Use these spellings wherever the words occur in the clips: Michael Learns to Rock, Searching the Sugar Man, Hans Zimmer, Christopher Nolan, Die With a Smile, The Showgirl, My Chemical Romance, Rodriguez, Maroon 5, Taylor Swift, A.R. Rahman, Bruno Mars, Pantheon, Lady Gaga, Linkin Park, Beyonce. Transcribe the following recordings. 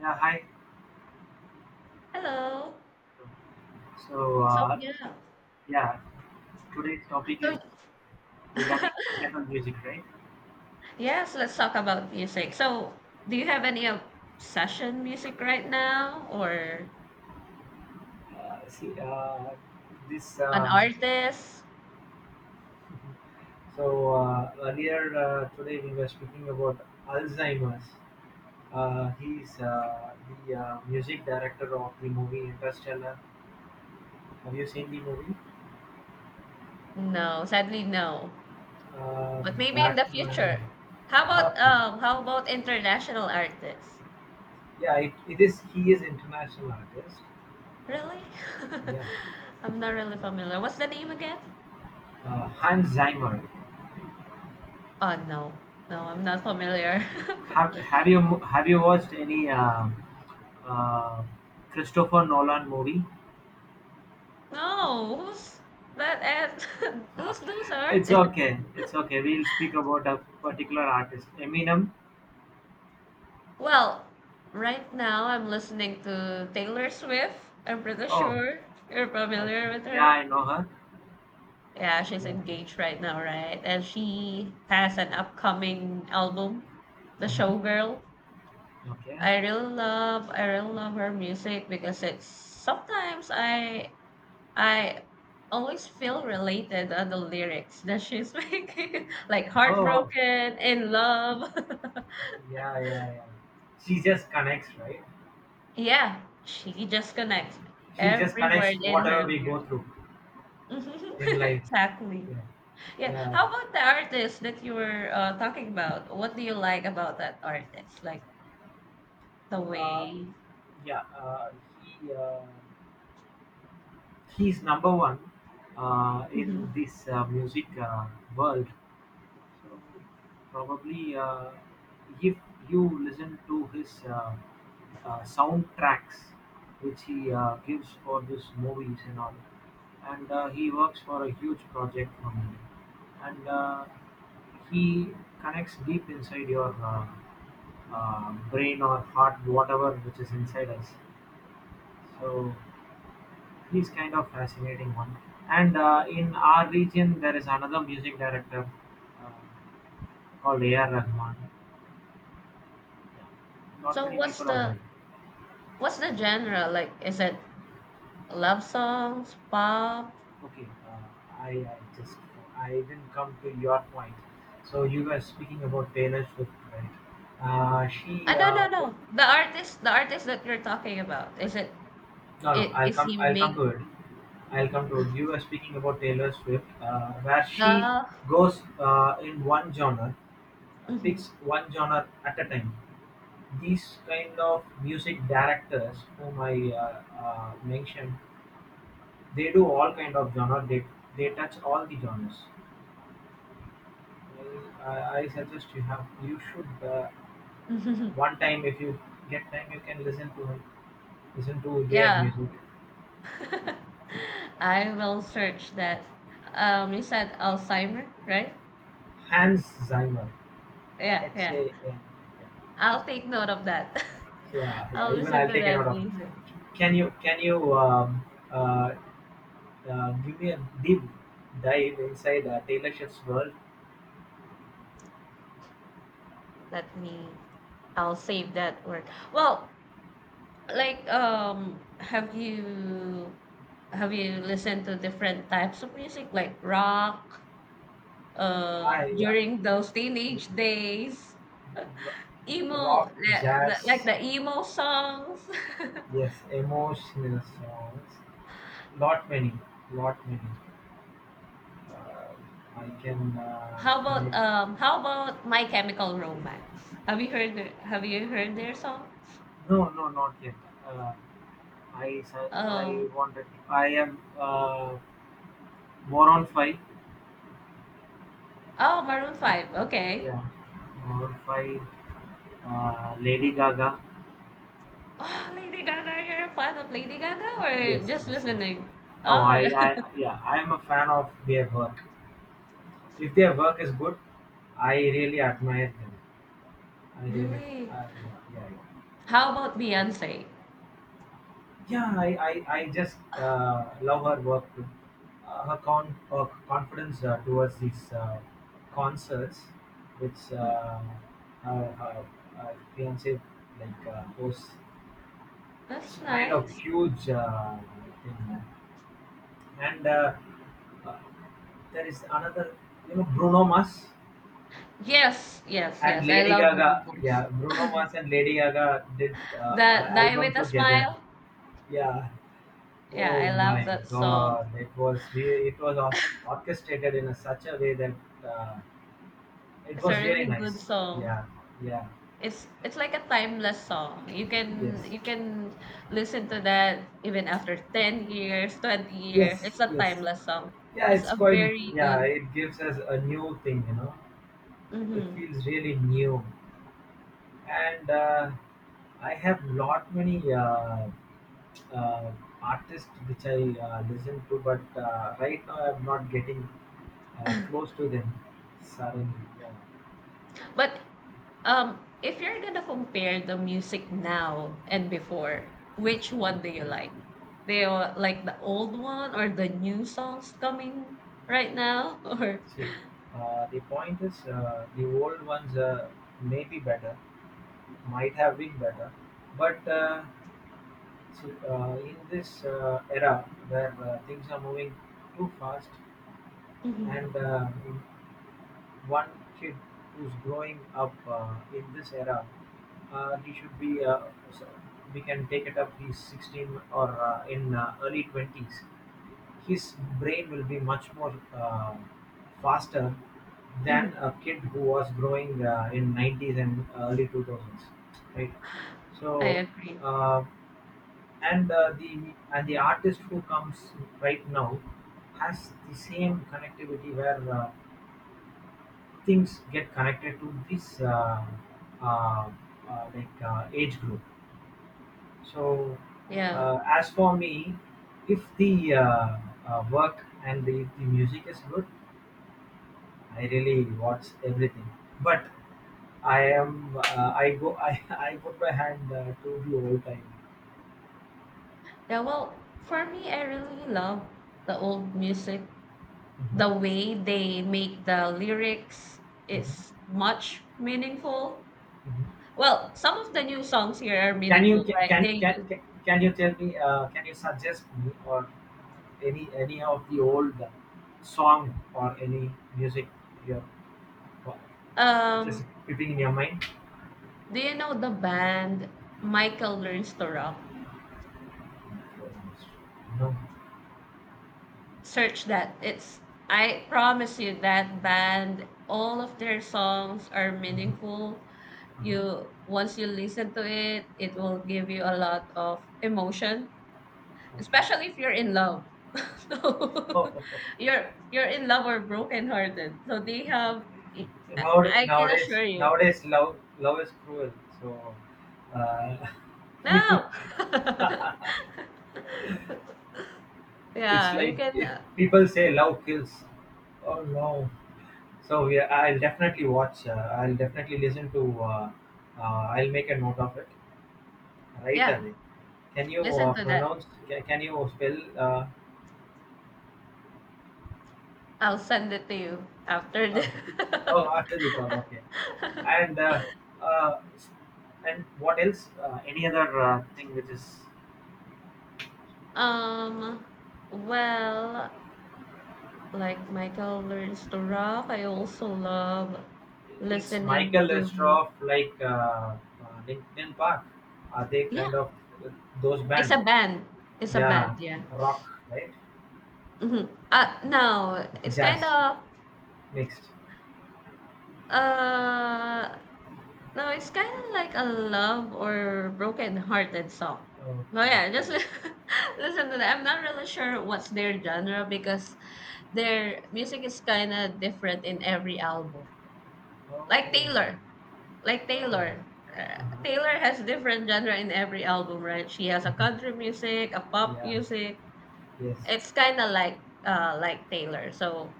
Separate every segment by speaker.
Speaker 1: Yeah, hi.
Speaker 2: Hello.
Speaker 1: So,
Speaker 2: So
Speaker 1: uh,
Speaker 2: yeah.
Speaker 1: yeah, today's topic
Speaker 2: So
Speaker 1: is regarding classical music, right?
Speaker 2: yes, let's talk about music. So do you have any obsession music right now or
Speaker 1: See, this,
Speaker 2: an artist?
Speaker 1: so earlier today we were speaking about Alzheimer's. He's the music director of the movie Interstellar. Have you seen the movie?
Speaker 2: No, sadly no.
Speaker 1: Uh,
Speaker 2: But maybe in the
Speaker 1: Batman.
Speaker 2: future. How about
Speaker 1: Okay.
Speaker 2: international artists?
Speaker 1: Yeah, it is. He is international artist.
Speaker 2: Really?
Speaker 1: Yeah,
Speaker 2: I'm not really familiar. What's the name again?
Speaker 1: Hans Zimmer.
Speaker 2: Oh no. No, I'm not familiar.
Speaker 1: Have Have you Have you watched any uh, Christopher Nolan movie?
Speaker 2: No, who's that? Who's those
Speaker 1: It's
Speaker 2: artists?
Speaker 1: okay. It's okay. We'll speak about a particular artist, Eminem.
Speaker 2: Well, right now I'm listening to Taylor Swift. I'm pretty
Speaker 1: Oh,
Speaker 2: sure you're
Speaker 1: okay.
Speaker 2: familiar with
Speaker 1: Yeah,
Speaker 2: her.
Speaker 1: I know her.
Speaker 2: Yeah, she's
Speaker 1: Yeah.
Speaker 2: engaged right now, right? And she has an upcoming album, The
Speaker 1: hmm
Speaker 2: Showgirl.
Speaker 1: Okay.
Speaker 2: I really love her music because it's sometimes I always feel related on the lyrics that she's making, like
Speaker 1: Oh,
Speaker 2: heartbroken, in love.
Speaker 1: yeah, yeah, yeah. She just connects, right?
Speaker 2: Yeah, she just connects
Speaker 1: She just
Speaker 2: every
Speaker 1: connects
Speaker 2: word in her
Speaker 1: whatever we go
Speaker 2: lyrics.
Speaker 1: through in life.
Speaker 2: Exactly.
Speaker 1: Yeah,
Speaker 2: Yeah.
Speaker 1: yeah,
Speaker 2: How about the artist that you were talking about? What do you like about that artist? Like the
Speaker 1: uh,
Speaker 2: way.
Speaker 1: yeah. Uh, he. Uh, He's number one in
Speaker 2: Mhm.
Speaker 1: this music world. So probably, if you listen to his soundtracks, which he gives for these movies and all, and he works for a huge project from India, and he connects deep inside your brain or heart, whatever which is inside us. So he's kind of fascinating one. And in our region, there is another music director uh, called A.R. Rahman. Yeah. Not
Speaker 2: So
Speaker 1: many people are there.
Speaker 2: what's the genre? Like, is it love songs, pop?
Speaker 1: Okay, I just I didn't come to your point. So you were speaking about Taylor Swift, right? Uh,
Speaker 2: Ah,
Speaker 1: she
Speaker 2: no, no,
Speaker 1: uh, pro-
Speaker 2: no. The artist that you're talking about, is it?
Speaker 1: no, no.
Speaker 2: It is he
Speaker 1: I'll come
Speaker 2: make
Speaker 1: to it. I'll come to it. You were speaking about Taylor Swift, where she
Speaker 2: the?
Speaker 1: goes in one genre, picks one genre at a time. These kind of music directors whom I mentioned, they do all kind of genre. They touch all the genres. I suggest you should one time if you get time you can listen to him, listen to their
Speaker 2: Yeah.
Speaker 1: music.
Speaker 2: I will search that. You said Alzheimer, right?
Speaker 1: Hans Zimmer.
Speaker 2: Yeah,
Speaker 1: Let's
Speaker 2: yeah.
Speaker 1: yeah,
Speaker 2: I'll take note of that.
Speaker 1: yeah.
Speaker 2: I'll
Speaker 1: yeah, Even
Speaker 2: listen
Speaker 1: I'll
Speaker 2: to
Speaker 1: take a note
Speaker 2: that
Speaker 1: of.
Speaker 2: music.
Speaker 1: Can you uh, give me a deep dive inside Taylor Swift's world?
Speaker 2: Let me. I'll save that word. Well, like, have you listened to different types of music like rock?
Speaker 1: I
Speaker 2: During those teenage days,
Speaker 1: uh,
Speaker 2: emo,
Speaker 1: Rock,
Speaker 2: like
Speaker 1: jazz,
Speaker 2: the emo songs.
Speaker 1: yes, emotional songs. Lot many, lot many. Uh, I can
Speaker 2: How about
Speaker 1: connect.
Speaker 2: My Chemical Romance? Have you heard their song?
Speaker 1: No, no, not yet. Uh, I
Speaker 2: Um
Speaker 1: wanted. I am Moron Five.
Speaker 2: oh Maroon 5. Okay.
Speaker 1: Yeah, Moron Five. Lady Gaga.
Speaker 2: Oh, Lady Gaga, you're a fan of Lady Gaga or
Speaker 1: Yes,
Speaker 2: just
Speaker 1: yes, yes.
Speaker 2: listening?
Speaker 1: No,
Speaker 2: Oh,
Speaker 1: I, Yeah, I am a fan of their work. If their work is good, I really admire them. I really,
Speaker 2: really?
Speaker 1: uh, yeah, yeah. yeah.
Speaker 2: How about Beyonce?
Speaker 1: Yeah, I just love her work too. Her, con- her confidence towards these concerts, which her, her, her fiance like hosts, it's
Speaker 2: That's
Speaker 1: kind of
Speaker 2: nice.
Speaker 1: huge thing. Yeah. And uh, there is another, you know, Bruno Mars
Speaker 2: Yes, yes,
Speaker 1: and
Speaker 2: yes. I
Speaker 1: Lady
Speaker 2: love
Speaker 1: Gaga.
Speaker 2: Maroon
Speaker 1: Yeah, Bruno
Speaker 2: 5.
Speaker 1: Mars and Lady Gaga did an
Speaker 2: The Die
Speaker 1: album
Speaker 2: With a
Speaker 1: together.
Speaker 2: Smile.
Speaker 1: Yeah,
Speaker 2: Yeah,
Speaker 1: oh
Speaker 2: I love
Speaker 1: my
Speaker 2: that song.
Speaker 1: God! It was orchestrated in a, such a way that uh, it
Speaker 2: It's a
Speaker 1: was really
Speaker 2: really good
Speaker 1: nice.
Speaker 2: song.
Speaker 1: Yeah, yeah,
Speaker 2: It's like a timeless song. You
Speaker 1: yes,
Speaker 2: can you can listen to that even after 10 years, 20 years.
Speaker 1: yes,
Speaker 2: It's a
Speaker 1: yes.
Speaker 2: timeless song.
Speaker 1: Yeah,
Speaker 2: It's
Speaker 1: it's
Speaker 2: a
Speaker 1: quite.
Speaker 2: very
Speaker 1: Yeah,
Speaker 2: good.
Speaker 1: it gives us a new thing. You know, it
Speaker 2: Mhm.
Speaker 1: feels really new, and I have lot many uh, artists which I listen to, but right now I'm not getting close to them. Suddenly, yeah.
Speaker 2: But if you're going to compare the music now and before, which one do you like? Do you like the old one or the new songs coming right now or
Speaker 1: See, the point is, the old ones may be better, might have been better, but see, in this era where things are moving too fast,
Speaker 2: hmm
Speaker 1: and one kid who's growing up in this era, he should be. So we can take it up. He's 16 or in early 20s. His brain will be much more faster than
Speaker 2: hmm
Speaker 1: a kid who was growing in 90s and early 2000s, right?
Speaker 2: I
Speaker 1: So,
Speaker 2: agree.
Speaker 1: uh, and the and the artist who comes right now has the same connectivity where things get connected to this uh, age group. So,
Speaker 2: Yeah.
Speaker 1: as for me, if the work and the music is good, I really watch everything, but I go I put my hand to the old time.
Speaker 2: Yeah, well, for me, I really love the old music the
Speaker 1: Mhm,
Speaker 2: way they make the lyrics
Speaker 1: mhm,
Speaker 2: is much meaningful.
Speaker 1: mhm.
Speaker 2: Well, some of the new songs here are meaningful, right? They
Speaker 1: Can you tell me? Can you suggest me or any of the old song or any music here? Which
Speaker 2: um
Speaker 1: is keeping in your mind?
Speaker 2: do you know the band Michael Learns to Rock?
Speaker 1: No.
Speaker 2: Search that. It's I promise you that band all of their songs are
Speaker 1: Mhm,
Speaker 2: meaningful.
Speaker 1: mhm.
Speaker 2: You once you listen to it, it will give you a lot of emotion especially if you're in love. So
Speaker 1: Okay.
Speaker 2: you're in love or brokenhearted. So they have I can assure you.
Speaker 1: Nowadays love is cruel, so uh,
Speaker 2: No.
Speaker 1: it's
Speaker 2: Yeah, you
Speaker 1: like
Speaker 2: can
Speaker 1: if people say love kills. Oh no. So yeah, I'll definitely watch I'll definitely listen to I'll make a note of it right
Speaker 2: yeah,
Speaker 1: away. Can you
Speaker 2: listen to that.
Speaker 1: pronounce can you spell
Speaker 2: I'll send it to you after the
Speaker 1: oh, oh, after the call, okay. And uh, and what else, any other thing which is
Speaker 2: Um well, like Michael learns to rock, I also love
Speaker 1: it's
Speaker 2: listening
Speaker 1: Michael
Speaker 2: to
Speaker 1: Lestroff, like Linkin Park. Are they
Speaker 2: yeah,
Speaker 1: kind of uh, those
Speaker 2: it's a
Speaker 1: band?
Speaker 2: band. It's a band,
Speaker 1: Yeah,
Speaker 2: yeah.
Speaker 1: rock, right?
Speaker 2: Mhm. No, it's kind
Speaker 1: Jazz,
Speaker 2: of
Speaker 1: mixed.
Speaker 2: uh no, it's kind of like a love or broken-hearted song. No,
Speaker 1: Okay,
Speaker 2: yeah, just
Speaker 1: okay.
Speaker 2: listen to that. I'm not really sure what's their genre because their music is kind of different in every album.
Speaker 1: Oh,
Speaker 2: Like
Speaker 1: oh.
Speaker 2: Taylor, like Taylor.
Speaker 1: Uh-huh.
Speaker 2: Taylor has different genre in every album, right? She has a
Speaker 1: Mhm.
Speaker 2: country music, a pop
Speaker 1: Yeah.
Speaker 2: music.
Speaker 1: Yes.
Speaker 2: It's kind of like Taylor. So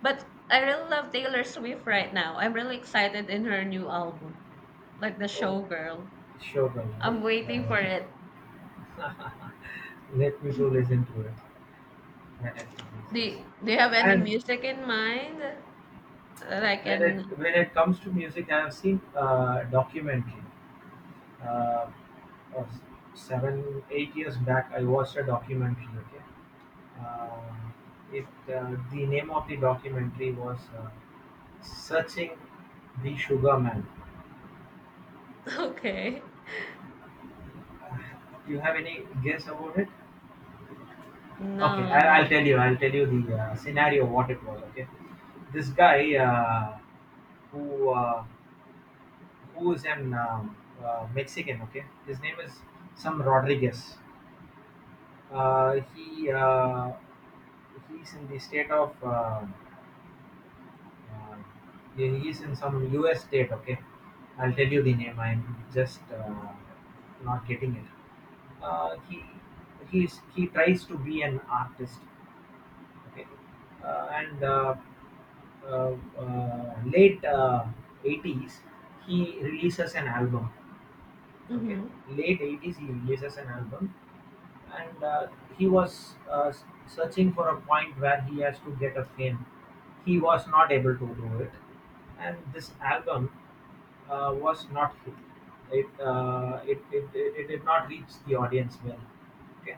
Speaker 2: but I really love Taylor Swift right now. I'm really excited in her new album, like the
Speaker 1: Oh,
Speaker 2: Showgirl.
Speaker 1: sure, girl, right?
Speaker 2: I'm
Speaker 1: Yeah.
Speaker 2: waiting for
Speaker 1: Yeah.
Speaker 2: it.
Speaker 1: Let me to listen to it when it releases.
Speaker 2: Do you have any
Speaker 1: And
Speaker 2: music in mind that I can?
Speaker 1: when it comes to music, I have seen a documentary, uh, uh, 7 8 years back I watched a documentary. Okay, uh, it the name of the documentary was, searching the sugar man.
Speaker 2: Okay.
Speaker 1: Do you have any guess about it? Okay,
Speaker 2: No,
Speaker 1: I'll
Speaker 2: no.
Speaker 1: tell you, I'll tell you the scenario what it was. Okay, this guy who uh, who is an Mexican, okay. His name is some Rodriguez. uh, he uh, he's in the state of Uh, yeah, he is in some U.S. state. Okay, I'll tell you the name. I'm just not getting it. Uh, he he's, he tries to be an artist. Okay, and late 80s he releases an album. Okay,
Speaker 2: Mm-hmm.
Speaker 1: late 80s he releases an album, and he was searching for a point where he has to get a fame. He was not able to do it, and this album was not hit. It did not reach the audience well. Okay,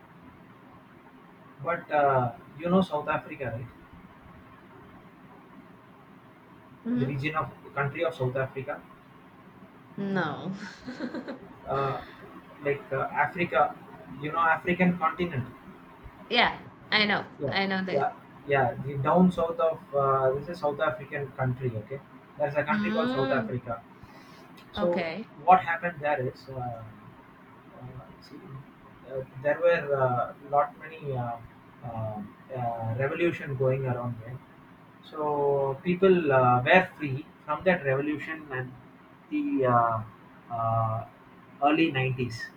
Speaker 1: but you know South Africa, right? The
Speaker 2: Mm-hmm.
Speaker 1: region of country of South Africa,
Speaker 2: No.
Speaker 1: uh, like Africa, you know, African continent.
Speaker 2: Yeah, I know.
Speaker 1: Yeah,
Speaker 2: I know that.
Speaker 1: yeah, yeah. The down south of this is South African country. Okay, there's a country called South
Speaker 2: Mm,
Speaker 1: Africa. So
Speaker 2: okay.
Speaker 1: what happened there is, see, there were lot many uh, revolution going around there. So people were free from that revolution and the uh, early 90s.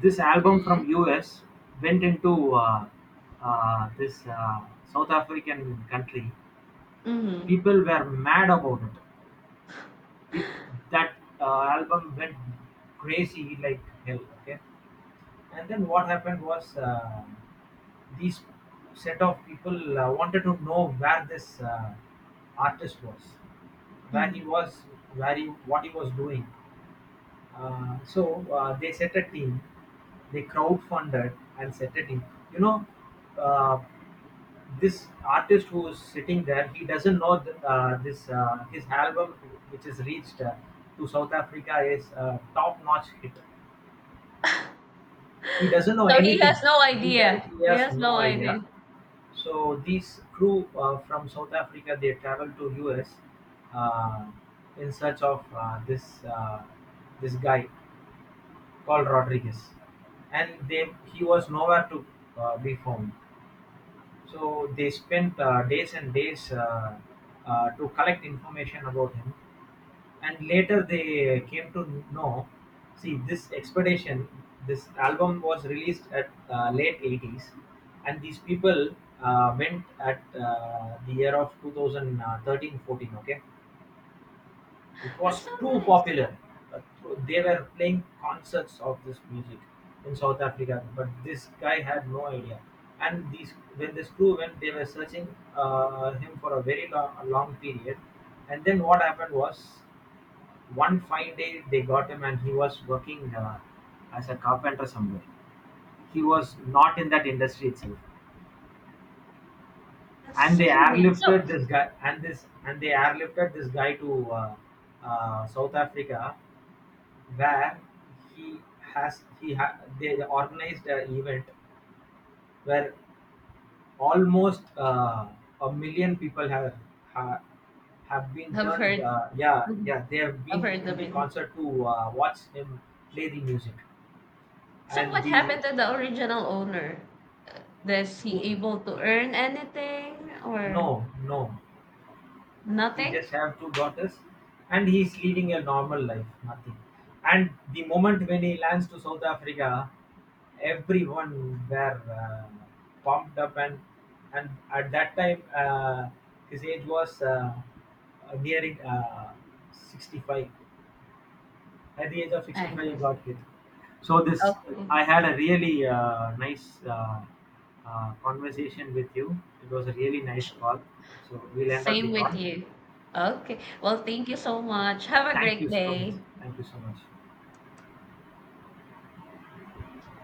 Speaker 1: This album from US went into this South African country.
Speaker 2: Mm-hmm.
Speaker 1: People were mad about it. It that album went crazy like hell. Okay, and then what happened was, these set of people wanted to know where this artist was, where he
Speaker 2: Mm.
Speaker 1: was, where he, what he was doing. They set a team, they crowdfunded and set a team. You know, uh, this artist who is sitting there, he doesn't know th- this his album, which is reached to South Africa, is a top-notch hit. He doesn't know
Speaker 2: So he has
Speaker 1: anything.
Speaker 2: no idea.
Speaker 1: He
Speaker 2: He
Speaker 1: has
Speaker 2: has no
Speaker 1: no
Speaker 2: idea.
Speaker 1: idea. So these crew from South Africa, they traveled to US uh, in search of this guy called Rodriguez, and they he was nowhere to be found. So they spent days and days to collect information about him, and later they came to know. See, this expedition, this album was released at late 80s, and these people went at the year of two thousand thirteen fourteen. Okay, it
Speaker 2: That's
Speaker 1: was
Speaker 2: so
Speaker 1: too
Speaker 2: nice.
Speaker 1: popular. Uh, They were playing concerts of this music in South Africa, but this guy had no idea. And these, when this crew went, they were searching him for a long period. And then what happened was, one fine day they got him, and he was working as a carpenter somewhere. He was not in that industry itself.
Speaker 2: That's
Speaker 1: And
Speaker 2: so
Speaker 1: they
Speaker 2: nice.
Speaker 1: airlifted
Speaker 2: So
Speaker 1: this guy, and they airlifted this guy to South Africa where he has he ha, they organized an event where almost a million people have, have been
Speaker 2: I've
Speaker 1: turned,
Speaker 2: heard
Speaker 1: they have
Speaker 2: I've
Speaker 1: been
Speaker 2: heard
Speaker 1: in
Speaker 2: of
Speaker 1: the
Speaker 2: it.
Speaker 1: concert to watch him play the music.
Speaker 2: So
Speaker 1: and
Speaker 2: what
Speaker 1: the
Speaker 2: happened to the original owner? Was he
Speaker 1: who-
Speaker 2: able to earn anything or
Speaker 1: no, no. He
Speaker 2: nothing?
Speaker 1: just have two daughters, and he's leading a normal life, nothing. And the moment when he lands to South Africa, everyone were pumped up, and at that time his age was nearing 65. At the age of
Speaker 2: I
Speaker 1: 65, he
Speaker 2: agree.
Speaker 1: got hit. So this,
Speaker 2: Okay.
Speaker 1: I had a really nice conversation with you. It was a really nice call. So we'll end up the
Speaker 2: Same with
Speaker 1: call.
Speaker 2: you. Okay. Well, thank you so much. Have a
Speaker 1: Thank
Speaker 2: great
Speaker 1: you so much.
Speaker 2: day.
Speaker 1: Thank you so much.